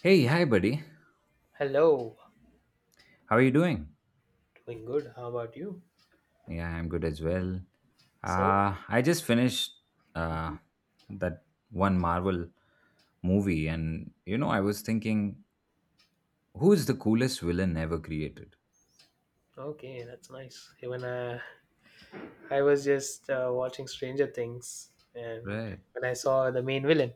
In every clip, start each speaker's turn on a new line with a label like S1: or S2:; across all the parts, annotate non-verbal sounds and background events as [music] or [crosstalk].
S1: Hey, hi, buddy.
S2: Hello,
S1: How are you doing?
S2: doing good. How about you?
S1: Yeah, I'm good as well.
S2: So,
S1: I just finished uh,
S2: Mhm.
S1: that one Marvel movie, and I was thinking, who's the coolest villain ever created?
S2: Okay, that's nice. Even I was just watching Stranger Things, and
S1: Right,
S2: when I saw the main villain,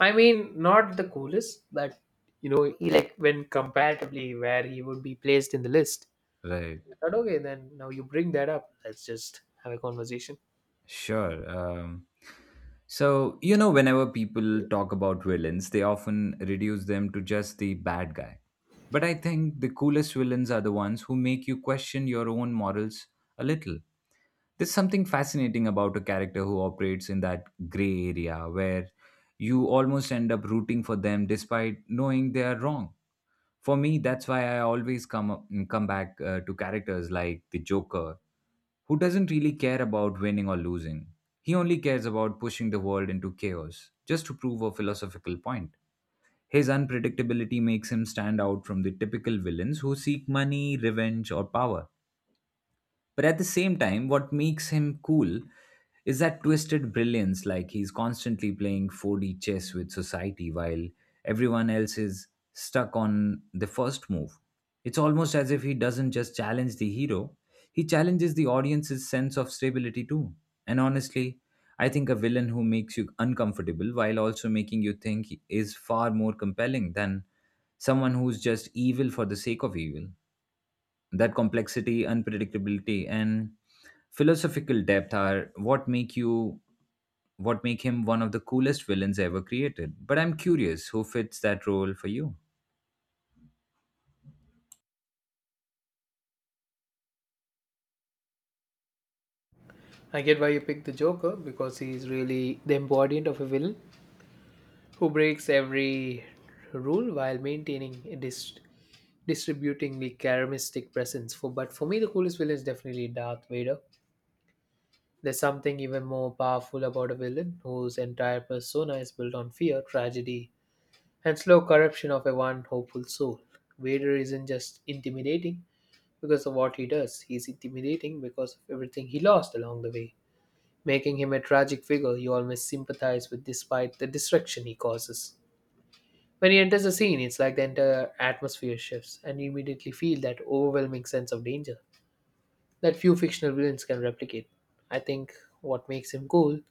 S2: I mean, not the coolest, but he like when comparatively where he would be placed in the list.
S1: right.
S2: But okay, then now you bring that up. Let's just have a conversation.
S1: Sure. So, whenever people talk about villains, they often reduce them to just the bad guy. But I think the coolest villains are the ones who make you question your own morals a little. There's something fascinating about a character who operates in that gray area where you almost end up rooting for them despite knowing they are wrong. For me, that's why I always come back to characters like the Joker, who doesn't really care about winning or losing. He only cares about pushing the world into chaos just to prove a philosophical point. His unpredictability makes him stand out from the typical villains who seek money, revenge, or power. But at the same time, what makes him cool is that twisted brilliance, like he's constantly playing 4D chess with society while everyone else is stuck on the first move. It's almost as if he doesn't just challenge the hero, he challenges the audience's sense of stability too. And honestly, I think a villain who makes you uncomfortable while also making you think is far more compelling than someone who's just evil for the sake of evil. That complexity, unpredictability, and philosophical depth are what make him one of the coolest villains ever created. But I'm curious, who fits that role for you?
S2: I get why you picked the Joker because he's really the embodiment of a villain who breaks every rule while maintaining a distributing the charismatic presence for but for me the coolest villain is definitely Darth Vader. There's something even more powerful about a villain whose entire persona is built on fear, tragedy, and slow corruption of a one hopeful soul. Vader isn't just intimidating because of what he does, he's intimidating because of everything he lost along the way, making him a tragic figure you always sympathize with despite the destruction he causes. When he enters a scene, it's like the entire atmosphere shifts, and you immediately feel that overwhelming sense of danger that few fictional villains can replicate. I think what makes him cool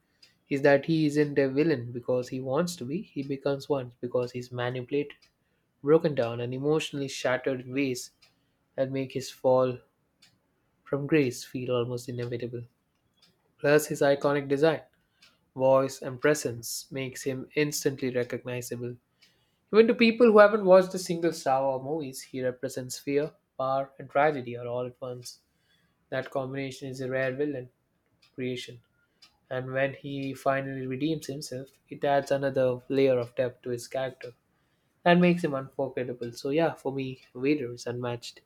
S2: is that he isn't a villain because he wants to be, he becomes one because he's manipulated, broken down, and emotionally shattered in ways that make his fall from grace feel almost inevitable. Plus, his iconic design, voice, and presence makes him instantly recognizable. Even to people who haven't watched a single Star Wars movies, he represents fear, power, and tragedy are all at once. That combination is a rare villain creation. And when he finally redeems himself, it adds another layer of depth to his character and makes him unforgettable. So yeah, for me, Vader is unmatched.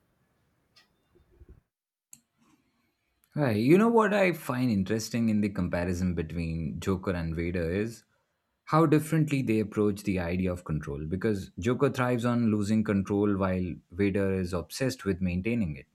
S1: Right. You know what I find interesting in the comparison between Joker and Vader is how differently they approach the idea of control, because Joker thrives on losing control while Vader is obsessed with maintaining it.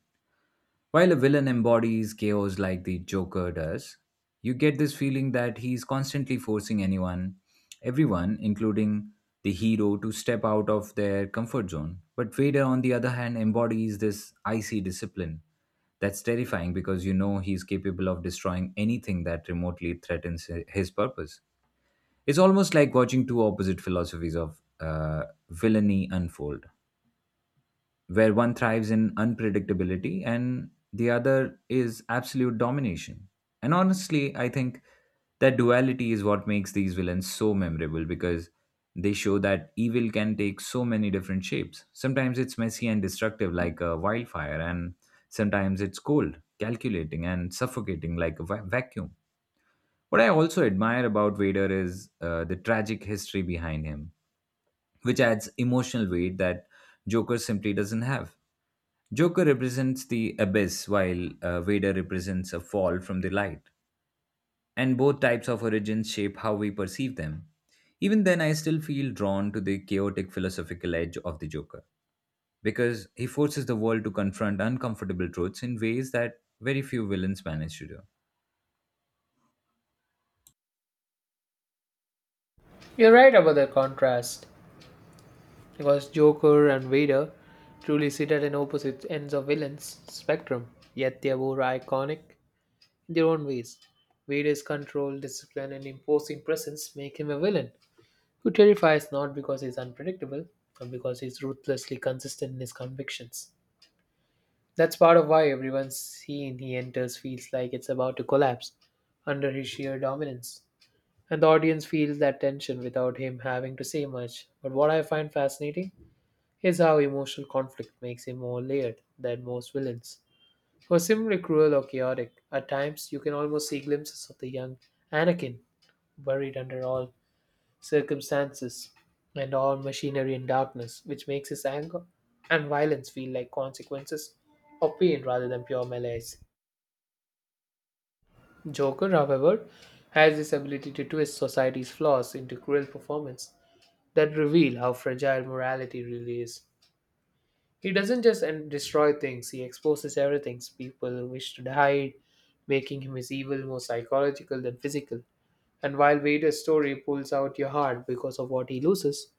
S1: While a villain embodies chaos like the Joker does, you get this feeling that he's constantly forcing anyone, everyone, including the hero, to step out of their comfort zone. But Vader, on the other hand, embodies this icy discipline. That's terrifying because you know he's capable of destroying anything that remotely threatens his purpose. It's almost like watching two opposite philosophies of villainy unfold, where one thrives in unpredictability and the other is absolute domination. And honestly, I think that duality is what makes these villains so memorable, because they show that evil can take so many different shapes. Sometimes it's messy and destructive, like a wildfire, and sometimes it's cold, calculating, and suffocating, like a vacuum. What I also admire about Vader is the tragic history behind him, which adds emotional weight that Joker simply doesn't have. Joker represents the abyss, while Vader represents a fall from the light, and both types of origins shape how we perceive them. Even then, I still feel drawn to the chaotic philosophical edge of the Joker, because he forces the world to confront uncomfortable truths in ways that very few villains manage to do.
S2: You're right about the contrast because Joker and Vader truly sit at an opposite ends of villains spectrum, yet they are both iconic in their own ways. Vader's control, discipline, and imposing presence make him a villain who terrifies not because he's unpredictable, but because he's ruthlessly consistent in his convictions. That's part of why everyone scene he enters feels like it's about to collapse under his sheer dominance. And the audience feels that tension without him having to say much. But what I find fascinating is how emotional conflict makes him more layered than most villains. Who are similarly cruel or chaotic, at times you can almost see glimpses of the young Anakin buried under all circumstances and all machinery and darkness, which makes his anger and violence feel like consequences of pain rather than pure melee. Joker, however, has this ability to twist society's flaws into cruel performance that reveal how fragile morality really is. He doesn't just destroy things, he exposes everything people wish to hide, making him his evil more psychological than physical. And while Vader's story pulls out your heart because of what he loses,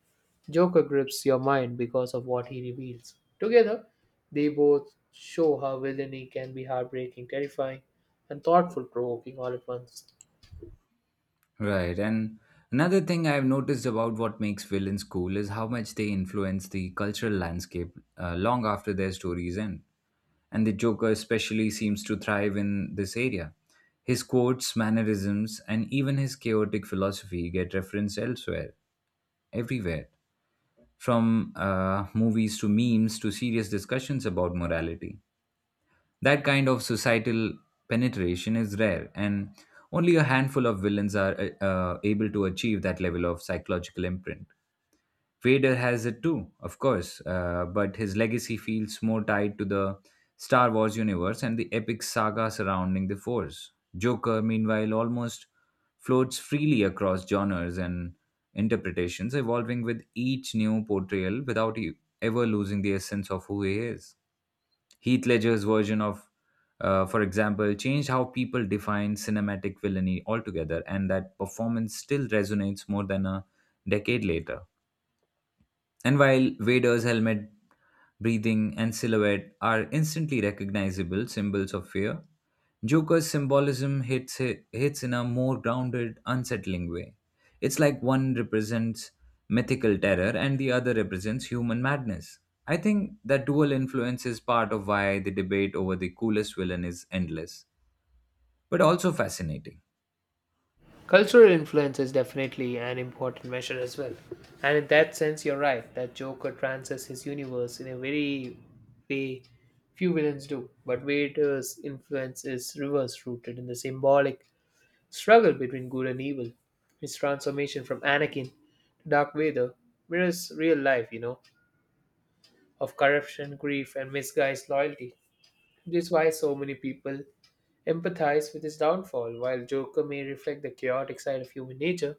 S2: Joker grips your mind because of what he reveals. Together, they both show how villainy can be heartbreaking, terrifying, and thoughtful provoking all at once.
S1: Right. And another thing I've noticed about what makes villains cool is how much they influence the cultural landscape long after their stories end. And the Joker especially seems to thrive in this area. His quotes, mannerisms, and even his chaotic philosophy get referenced elsewhere, everywhere, from movies to memes to serious discussions about morality. That kind of societal penetration is rare, and only a handful of villains are able to achieve that level of psychological imprint. Vader has it too, of course, but his legacy feels more tied to the Star Wars universe and the epic saga surrounding the Force. Joker, meanwhile, almost floats freely across genres and interpretations, evolving with each new portrayal without ever losing the essence of who he is. Heath Ledger's version of, for example, changed how people define cinematic villainy altogether, and that performance still resonates more than a decade later. And while Vader's helmet, breathing, and silhouette are instantly recognizable symbols of fear, Joker's symbolism hits in a more grounded, unsettling way. It's like one represents mythical terror and the other represents human madness. I think that dual influence is part of why the debate over the coolest villain is endless, but also fascinating.
S2: Cultural influence is definitely an important measure as well. And in that sense, you're right that Joker transcends his universe in a very way few villains do. But Vader's influence is reverse rooted in the symbolic struggle between good and evil. His transformation from Anakin to Dark Vader mirrors real life, you know, of corruption, grief, and misguised loyalty. This is why so many people empathize with his downfall, while Joker may reflect the chaotic side of human nature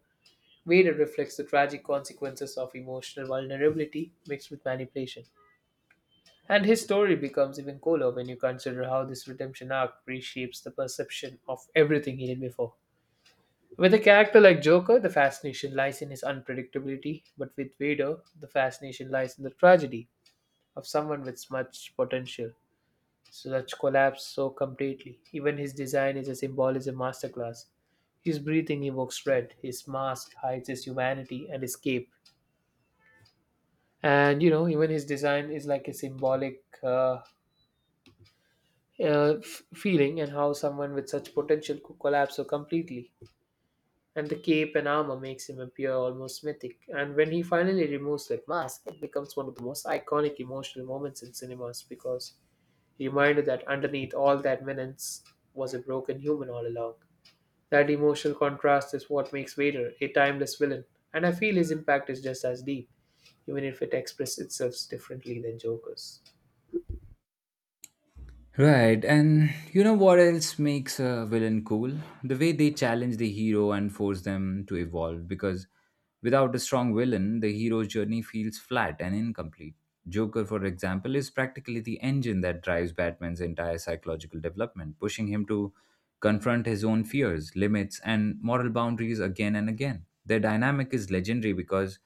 S2: Vader reflects the tragic consequences of emotional vulnerability mixed with manipulation. And his story becomes even cooler when you consider how this redemption arc reshapes the perception of everything he did before. With a character like Joker, the fascination lies in his unpredictability, but with Vader, the fascination lies in the tragedy of someone with much potential. Such collapse so completely. Even his design is a symbolism masterclass. His breathing evokes dread, his mask hides his humanity and his cape and you know even his design is like a symbolic feeling and how someone with such potential could collapse so completely and the cape and armor makes him appear almost mythic and when he finally removes that mask it becomes one of the most iconic emotional moments in cinemas because he reminded that underneath all that menace was a broken human all along. That emotional contrast is what makes Vader a timeless villain, and I feel his impact is just as deep even if it expresses itself differently than Joker's.
S1: Right, and you know what else makes a villain cool? The way they challenge the hero and force them to evolve. Because without a strong villain, the hero's journey feels flat and incomplete. Joker, for example, is practically the engine that drives Batman's entire psychological development, pushing him to confront his own fears, limits, and moral boundaries again and again. Their dynamic is legendary because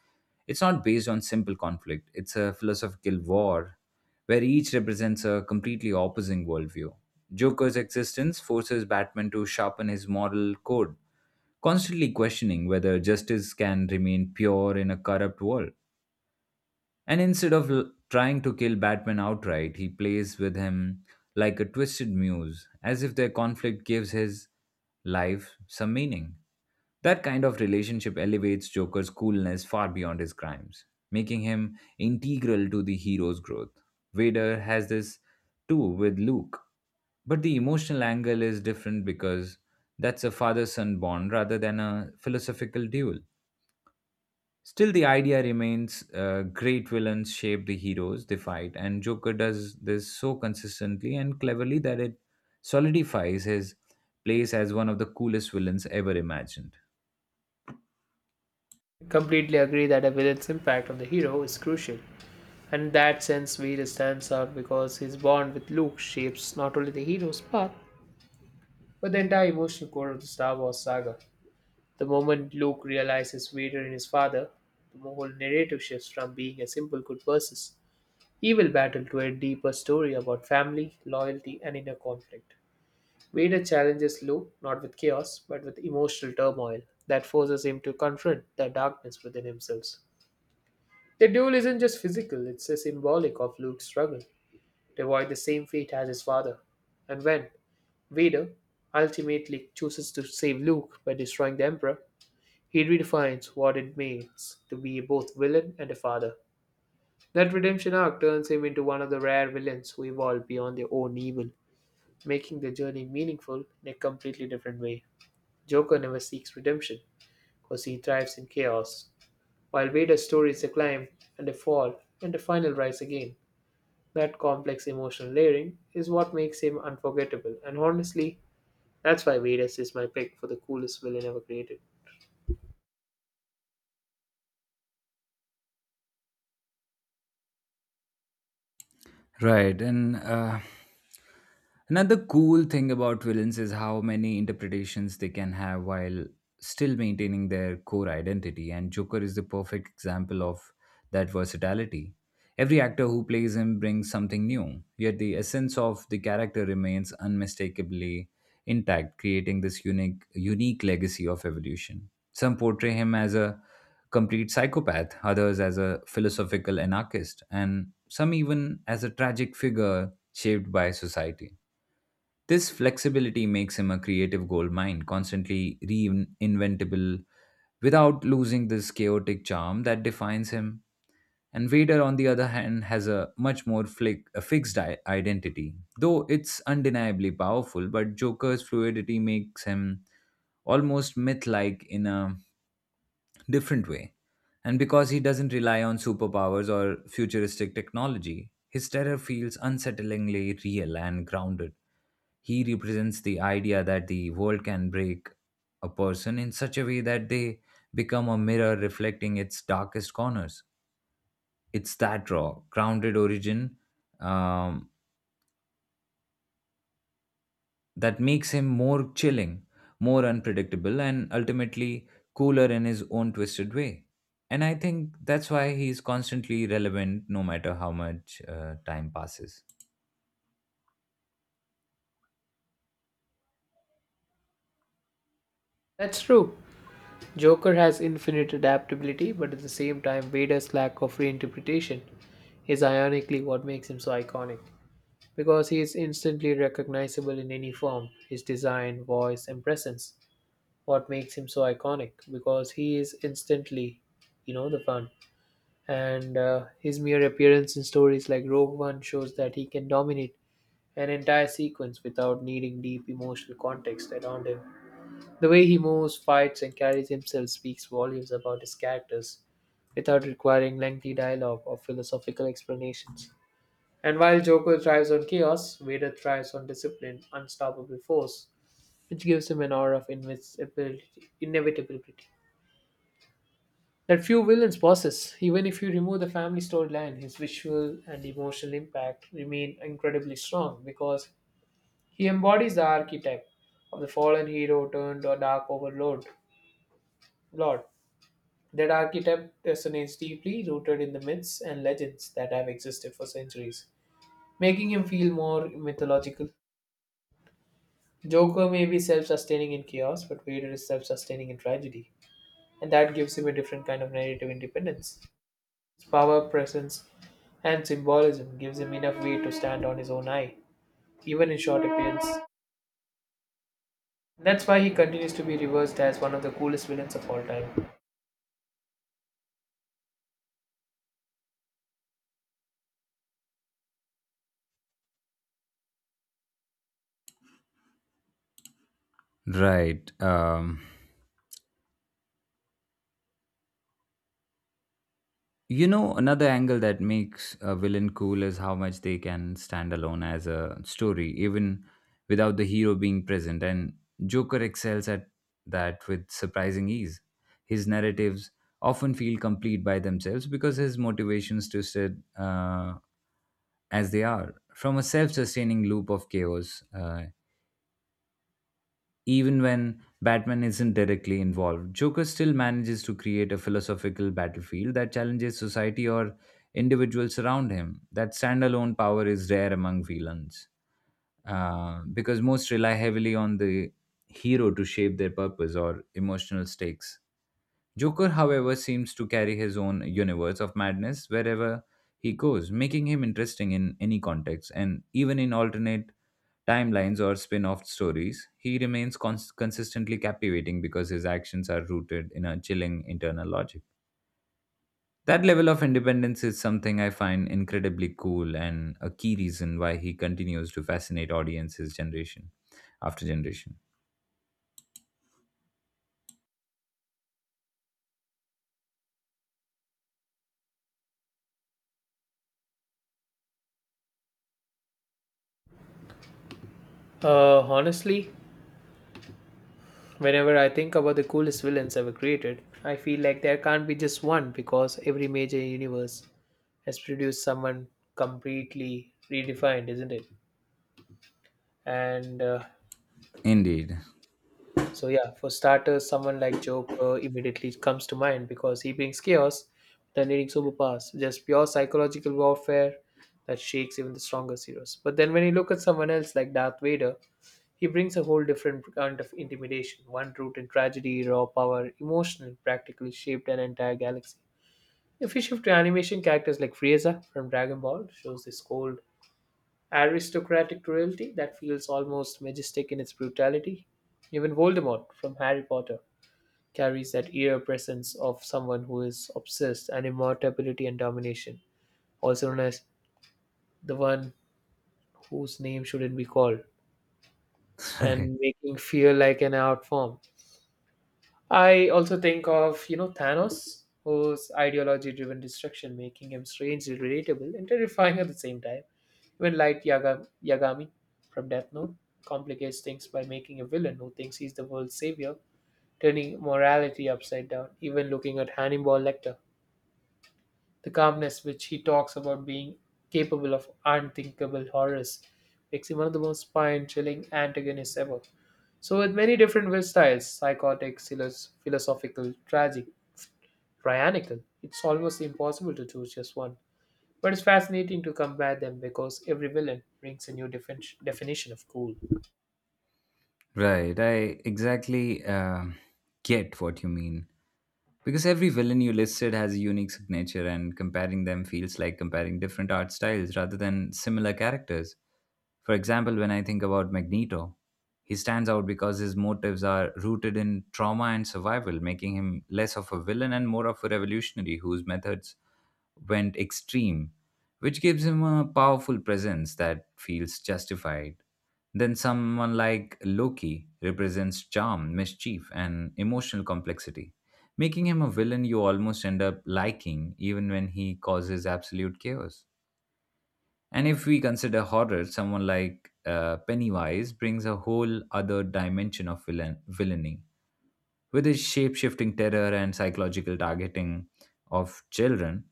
S1: it's not based on simple conflict, it's a philosophical war where each represents a completely opposing worldview. Joker's existence forces Batman to sharpen his moral code, constantly questioning whether justice can remain pure in a corrupt world. And instead of trying to kill Batman outright, he plays with him like a twisted muse, as if their conflict gives his life some meaning. That kind of relationship elevates Joker's coolness far beyond his crimes, making him integral to the hero's growth. Vader has this too with Luke, but the emotional angle is different because that's a father son bond rather than a philosophical duel. Still, the idea remains. Great villains shape the heroes they fight, and Joker does this so consistently and cleverly that it solidifies his place as one of the coolest villains ever imagined.
S2: Completely agree that a villain's impact on the hero is crucial. And in that sense, Vader stands out because his bond with Luke shapes not only the hero's path, but the entire emotional core of the Star Wars saga. The moment Luke realizes Vader and his father, the whole narrative shifts from being a simple good versus evil battle to a deeper story about family, loyalty, and inner conflict. Vader challenges Luke not with chaos, but with emotional turmoil that forces him to confront the darkness within himself. The duel isn't just physical, it's a symbolic of Luke's struggle to avoid the same fate as his father. And when Vader ultimately chooses to save Luke by destroying the Emperor, he redefines what it means to be both villain and a father. That redemption arc turns him into one of the rare villains who evolve beyond their own evil, making the journey meaningful in a completely different way. Joker never seeks redemption because he thrives in chaos, while Vader's story is a climb and a fall and a final rise again. That complex emotional layering is what makes him unforgettable, and honestly, that's why Vedas is my pick for the coolest villain ever created.
S1: Right. And another cool thing about villains is how many interpretations they can have while still maintaining their core identity. And Joker is the perfect example of that versatility. Every actor who plays him brings something new, yet the essence of the character remains unmistakably intact, creating this unique legacy of evolution. Some portray him as a complete psychopath, others as a philosophical anarchist, and some even as a tragic figure shaped by society. This flexibility makes him a creative goldmine, constantly reinventable without losing this chaotic charm that defines him. And Vader, on the other hand, has a a fixed identity. Though it's undeniably powerful, but Joker's fluidity makes him almost myth like in a different way. And because he doesn't rely on superpowers or futuristic technology, his terror feels unsettlingly real and grounded. He represents the idea that the world can break a person in such a way that they become a mirror reflecting its darkest corners. It's that raw, grounded origin um, that makes him more chilling, more unpredictable, and ultimately cooler in his own twisted way. And I think that's why he's constantly relevant no matter how much time passes.
S2: That's true. Joker has infinite adaptability, but at the same time, Vader's lack of reinterpretation is ironically what makes him so iconic. Because he is instantly recognizable in any form, his design, voice, and presence. What makes him so iconic? Because he is instantly, you know, the fun. And his mere appearance in stories like Rogue One shows that he can dominate an entire sequence without needing deep emotional context around him. The way he moves, fights, and carries himself speaks volumes about his characters without requiring lengthy dialogue or philosophical explanations. And while Joker thrives on chaos, Vader thrives on discipline, unstoppable force, which gives him an aura of inevitability. That few villains possess, even if you remove the family storyline, his visual and emotional impact remain incredibly strong because he embodies the archetype of the fallen hero turned or dark overlord. Lord. That archetype resonates deeply rooted in the myths and legends that have existed for centuries, making him feel more mythological. Joker may be self sustaining in chaos, but Vader is self sustaining in tragedy, and that gives him a different kind of narrative independence. His power, presence, and symbolism gives him enough weight to stand on his own eye, even in short appearance. That's why he continues to be reversed as one of the coolest villains of all time.
S1: Right. Another angle that makes a villain cool is how much they can stand alone as a story, even without the hero being present. And Joker excels at that with surprising ease. His narratives often feel complete by themselves because his motivations twisted as they are from a self-sustaining loop of chaos. Even when Batman isn't directly involved, Joker still manages to create a philosophical battlefield that challenges society or individuals around him. That standalone power is rare among villains because most rely heavily on the hero to shape their purpose or emotional stakes. Joker, however, seems to carry his own universe of madness wherever he goes, making him interesting in any context and even in alternate timelines or spin off stories. He remains consistently captivating because his actions are rooted in a chilling internal logic. That level of independence is something I find incredibly cool and a key reason why he continues to fascinate audiences generation after generation.
S2: Honestly, whenever I think about the coolest villains ever created, I feel like there can't be just one because every major universe has produced someone completely redefined, isn't it? And
S1: Indeed.
S2: so yeah, for starters, someone like Joker immediately comes to mind because he brings chaos, the needing superpowers, just pure psychological warfare that shakes even the strongest heroes. But then when you look at someone else like Darth Vader, he brings a whole different kind of intimidation, one rooted in tragedy, raw power, emotional, practically shaped an entire galaxy. If you shift to animation, characters like Frieza from Dragon Ball shows this cold, aristocratic cruelty that feels almost majestic in its brutality. Even Voldemort from Harry Potter carries that eerie presence of someone who is obsessed and immortality and domination, also known as the one whose name shouldn't be called, and
S1: [laughs]
S2: making fear like an art form. I also think of, you know, Thanos, whose ideology driven destruction making him strangely relatable and terrifying at the same time. Even Light Yagami from Death Note complicates things by making a villain who thinks he's the world's savior, turning morality upside down, even looking at Hannibal Lecter. The calmness which he talks about being capable of unthinkable horrors makes him one of the most spine chilling antagonists ever. So, with many different will styles psychotic, philosophical, tragic, tyrannical it's almost impossible to choose just one. But it's fascinating to compare them because every villain brings a new definition of cool.
S1: Right, I exactly get what you mean. Because every villain you listed has a unique signature, and comparing them feels like comparing different art styles rather than similar characters. For example, when I think about Magneto, he stands out because his motives are rooted in trauma and survival, making him less of a villain and more of a revolutionary whose methods went extreme, which gives him a powerful presence that feels justified. Then someone like Loki represents charm, mischief, and emotional complexity, making him a villain you almost end up liking even when he causes absolute chaos. And if we consider horror, someone like Pennywise brings a whole other dimension of villainy, with his shape shifting terror and psychological targeting of children,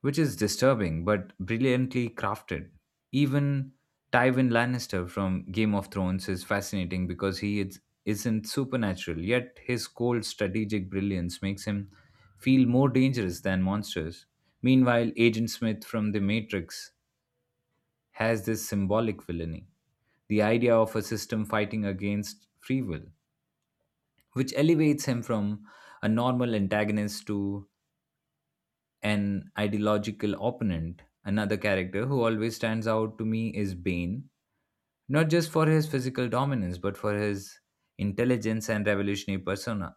S1: which is disturbing but brilliantly crafted. Even Tywin Lannister from Game of Thrones is fascinating because he isn't supernatural, yet his cold strategic brilliance makes him feel more dangerous than monsters. Meanwhile, Agent Smith from The Matrix has this symbolic villainy, the idea of a system fighting against free will, which elevates him from a normal antagonist to an ideological opponent. Another character who always stands out to me is Bane, not just for his physical dominance, but for his intelligence and revolutionary persona.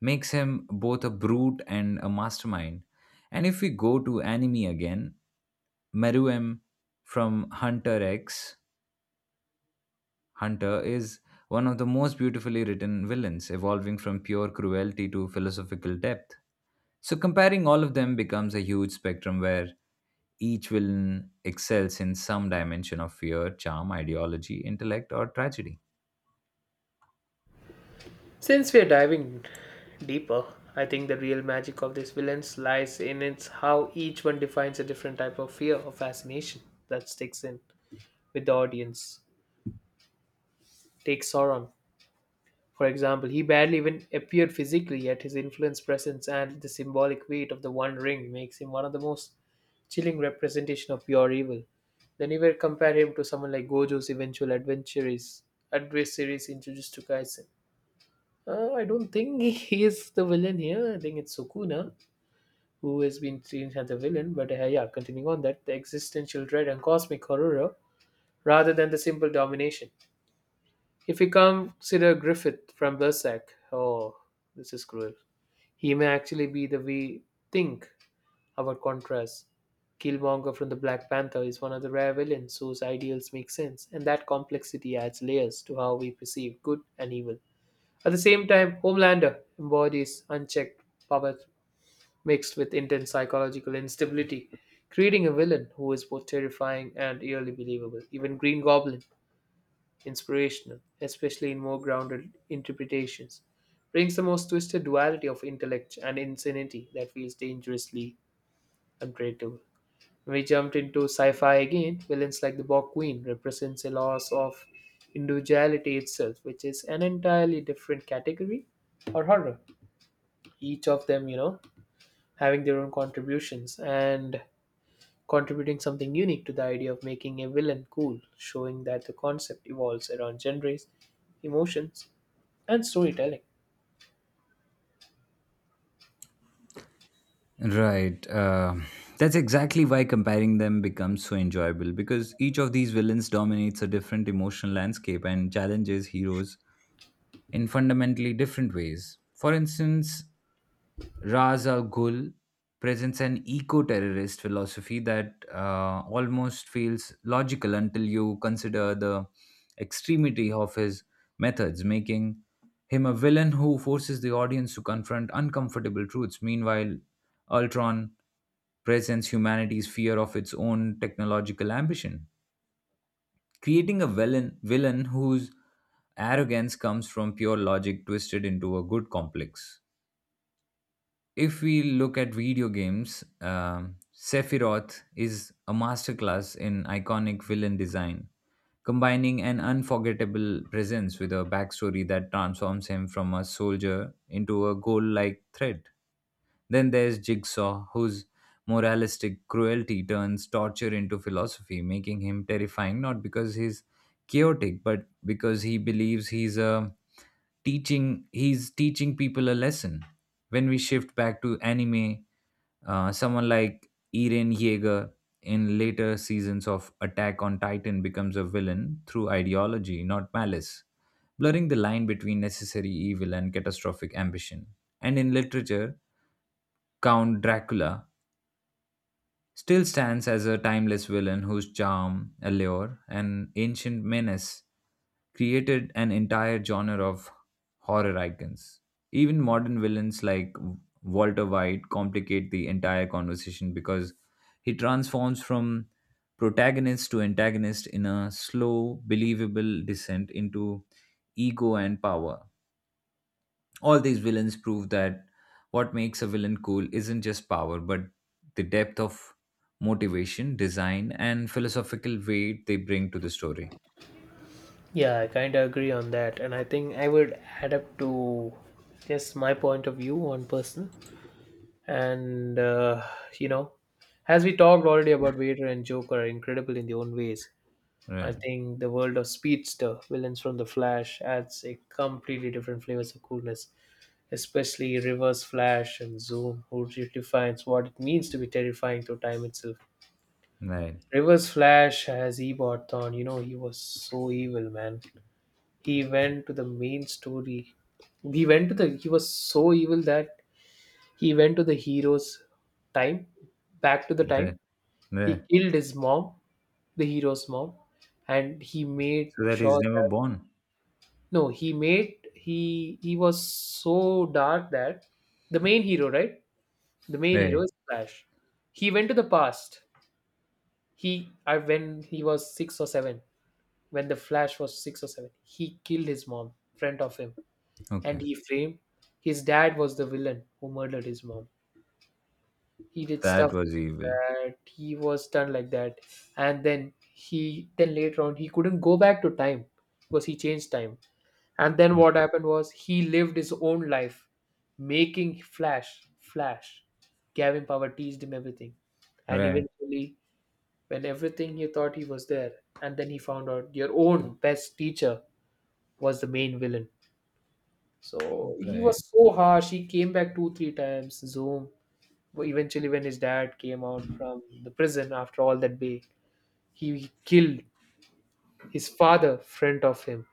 S1: Makes him both a brute and a mastermind. And if we go to anime again, Meruem from Hunter X Hunter is one of the most beautifully written villains, evolving from pure cruelty to philosophical depth. So comparing all of them becomes a huge spectrum where each villain excels in some dimension of fear, charm, ideology, intellect, or tragedy.
S2: Since we are diving deeper, I think the real magic of these villains lies in its how each one defines a different type of fear or fascination that sticks in with the audience. Take Sauron, for example, he barely even appeared physically, yet his influence, presence, and the symbolic weight of the One Ring makes him one of the most chilling representation of pure evil. Then you will compare him to someone like Gojo's eventual adversaries in Jujutsu Kaisen. I don't think [laughs] he is the villain here. I think it's Sukuna who has been seen as the villain. But yeah, continuing on that, the existential dread and cosmic horror rather than the simple domination. If we consider Griffith from Berserk, oh, this is cruel. He may actually be the we think about contrast. Killmonger from the Black Panther is one of the rare villains whose ideals make sense, and that complexity adds layers to how we perceive good and evil. At the same time, Homelander embodies unchecked power mixed with intense psychological instability, creating a villain who is both terrifying and eerily believable. Even Green Goblin Inspirational, especially in more grounded interpretations, brings the most twisted duality of intellect and insanity that feels dangerously unpredictable. When we jumped into sci-fi again, villains like the Borg Queen represents a loss of individuality itself, which is an entirely different category or horror. Each of them, having their own contributions and contributing something unique to the idea of making a villain cool, showing that the concept evolves around genres, emotions, and storytelling.
S1: Right. That's exactly why comparing them becomes so enjoyable because each of these villains dominates a different emotional landscape and challenges heroes in fundamentally different ways. For instance, Raz Al Ghul presents an eco terrorist philosophy that almost feels logical until you consider the extremity of his methods, making him a villain who forces the audience to confront uncomfortable truths. Meanwhile, Ultron presents humanity's fear of its own technological ambition creating a villain whose arrogance comes from pure logic twisted into a good complex. If we look at video games, Sephiroth is a masterclass in iconic villain design, combining an unforgettable presence with a backstory that transforms him from a soldier into a goal like threat. Then there's Jigsaw, whose moralistic cruelty turns torture into philosophy, making him terrifying not because he's chaotic, but because he believes he's teaching people a lesson. When we shift back to anime, someone like Eren Yeager in later seasons of Attack on Titan becomes a villain through ideology, not malice, blurring the line between necessary evil and catastrophic ambition. And in literature, Count Dracula still stands as a timeless villain whose charm, allure, and ancient menace created an entire genre of horror icons. Even modern villains like Walter White complicate the entire conversation because he transforms from protagonist to antagonist in a slow, believable descent into ego and power. All these villains prove that what makes a villain cool isn't just power, but the depth of motivation, design, and philosophical weight they bring to the story.
S2: Yeah, I kind of agree on that, and I think I would add up to just my point of view on personal. And you know, as we talked already about Vader and Joker are incredible in their own ways. I
S1: Right,
S2: think the world of Speedster, villains from the Flash, adds a completely different flavors of coolness, especially Reverse Flash and Zoom, who redefines what it means to be terrifying through time itself.
S1: right,
S2: Reverse Flash as Ebot Thorn, he was so evil, man. He went to the main story. He went to the he was so evil that he went to the hero's time, back to the time.
S1: right, right.
S2: He killed his mom, the hero's mom, and he made
S1: So that he's
S2: sure
S1: never
S2: that
S1: born.
S2: no, he made he was so dark that the main hero, right? The main
S1: Right,
S2: hero is Flash. He went to the past. He I When he was six or seven, when the Flash was six or seven, he killed his mom in front of him
S1: okay.
S2: and he framed his dad was the villain who murdered his mom. He did stuff
S1: That was
S2: like
S1: evil.
S2: that. He was done like that, and then he then later on he couldn't go back to time because he changed time. And then what happened was he lived his own life, making Flash, gave him power, teased him everything, and
S1: Right,
S2: eventually when everything he thought he was there, and then he found out your own best teacher was the main villain. So he
S1: right,
S2: was so harsh. He came back two, three times. Zoom. Well, eventually, when his dad came out from the prison after all that bay, he killed his father in front of him.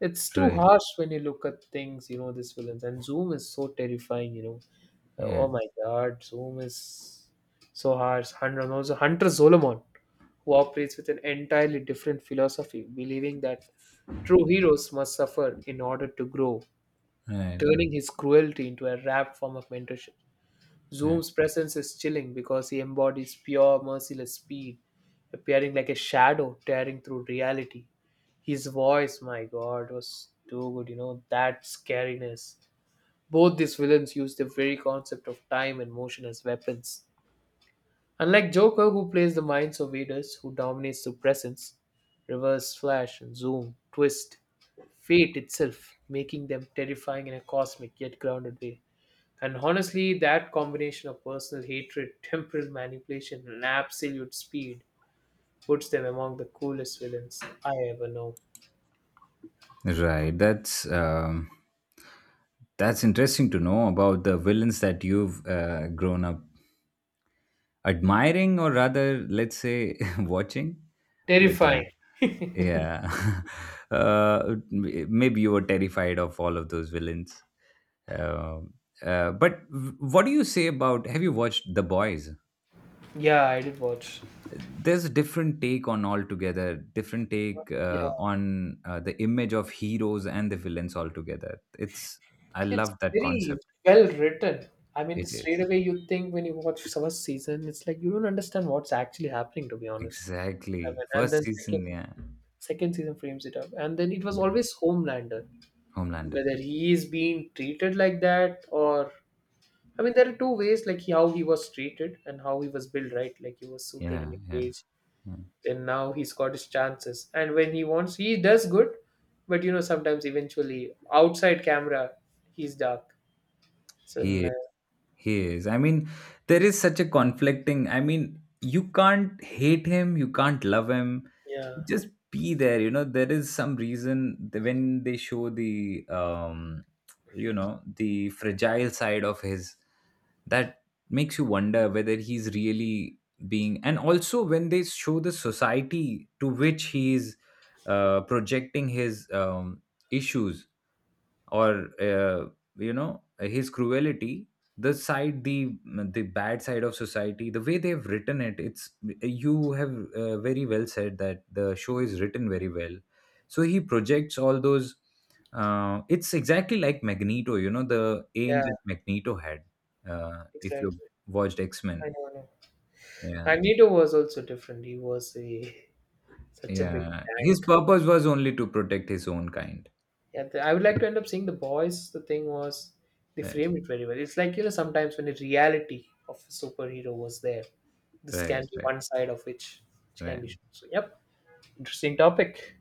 S2: It's too
S1: right.
S2: harsh when you look at things, this villains. And Zoom is so terrifying.
S1: Yeah,
S2: Oh my god, Zoom is so harsh. Hunter, and also Hunter Solomon, who operates with an entirely different philosophy, believing that true heroes must suffer in order to grow
S1: right,
S2: turning his cruelty into a rap form of mentorship.
S1: right.
S2: Zoom's presence is chilling because he embodies pure, merciless speed, appearing like a shadow tearing through reality. His voice, my god, was too good, that scariness. Both these villains use the very concept of time and motion as weapons. Unlike Joker, who plays the minds of readers, who dominates through presence, Reverse Flash and Zoom, twist, fate itself, making them terrifying in a cosmic yet grounded way. And honestly, that combination of personal hatred, temporal manipulation, and absolute speed puts them among the coolest villains I ever know.
S1: Right. That's interesting to know about the villains that you've grown up admiring, or rather, let's say, [laughs] watching? But yeah.
S2: Terrifying.
S1: Yeah. [laughs] Maybe you were terrified of all of those villains. Um, what do you say about, have you watched The Boys?
S2: Yeah, I did watch.
S1: There's a different take on altogether, different take
S2: Yeah,
S1: on the image of heroes and the villains altogether. It's, I
S2: it's
S1: love that
S2: very
S1: concept.
S2: well written. I mean,
S1: It
S2: straight
S1: is.
S2: away you think when you watch first season, it's like you don't understand what's actually happening. To be honest, Seven.
S1: Exactly.
S2: And
S1: First
S2: then
S1: season,
S2: second
S1: yeah.
S2: second season frames it up, and then it was
S1: Yeah.
S2: always Homelander.
S1: Homelander.
S2: Whether he is being treated like that or I mean, there are two ways, like how he was treated and how he was built, right? Like he was suited in
S1: Yeah,
S2: a
S1: yeah,
S2: cage,
S1: yeah.
S2: then now he's got his chances, and when he wants, he does good. But sometimes eventually outside camera, he's dark. So
S1: He He is. I mean, there is such a conflicting. I mean, you can't hate him, you can't love him.
S2: yeah,
S1: Just be there. You know, there is some reason that when they show the, you know, the fragile side of his, that makes you wonder whether he's really being. And also when they show the society to which he's projecting his issues or you know, his cruelty, the side, the bad side of society, the way they've written it, it's, you have very well said that the show is written very well, so he projects all those it's exactly like Magneto, you know, the aim
S2: yeah,
S1: that Magneto had. If you
S2: exactly.
S1: watched X-Men,
S2: I know, I know.
S1: yeah,
S2: Magneto was also different. He was a [laughs] such a big
S1: yeah, his
S2: tank.
S1: purpose was only to protect his own kind.
S2: Yeah, I would like to end up seeing the boys. The thing was, they
S1: right
S2: framed it very well. It's like sometimes when the reality of a superhero was there this can
S1: right
S2: be
S1: right,
S2: one side of which can
S1: right.
S2: be shown. So, yep, interesting topic.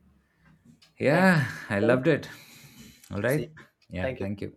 S2: Thank
S1: Yeah, I
S2: you.
S1: loved it. All right.
S2: See,
S1: Yeah,
S2: thank you.
S1: thank you.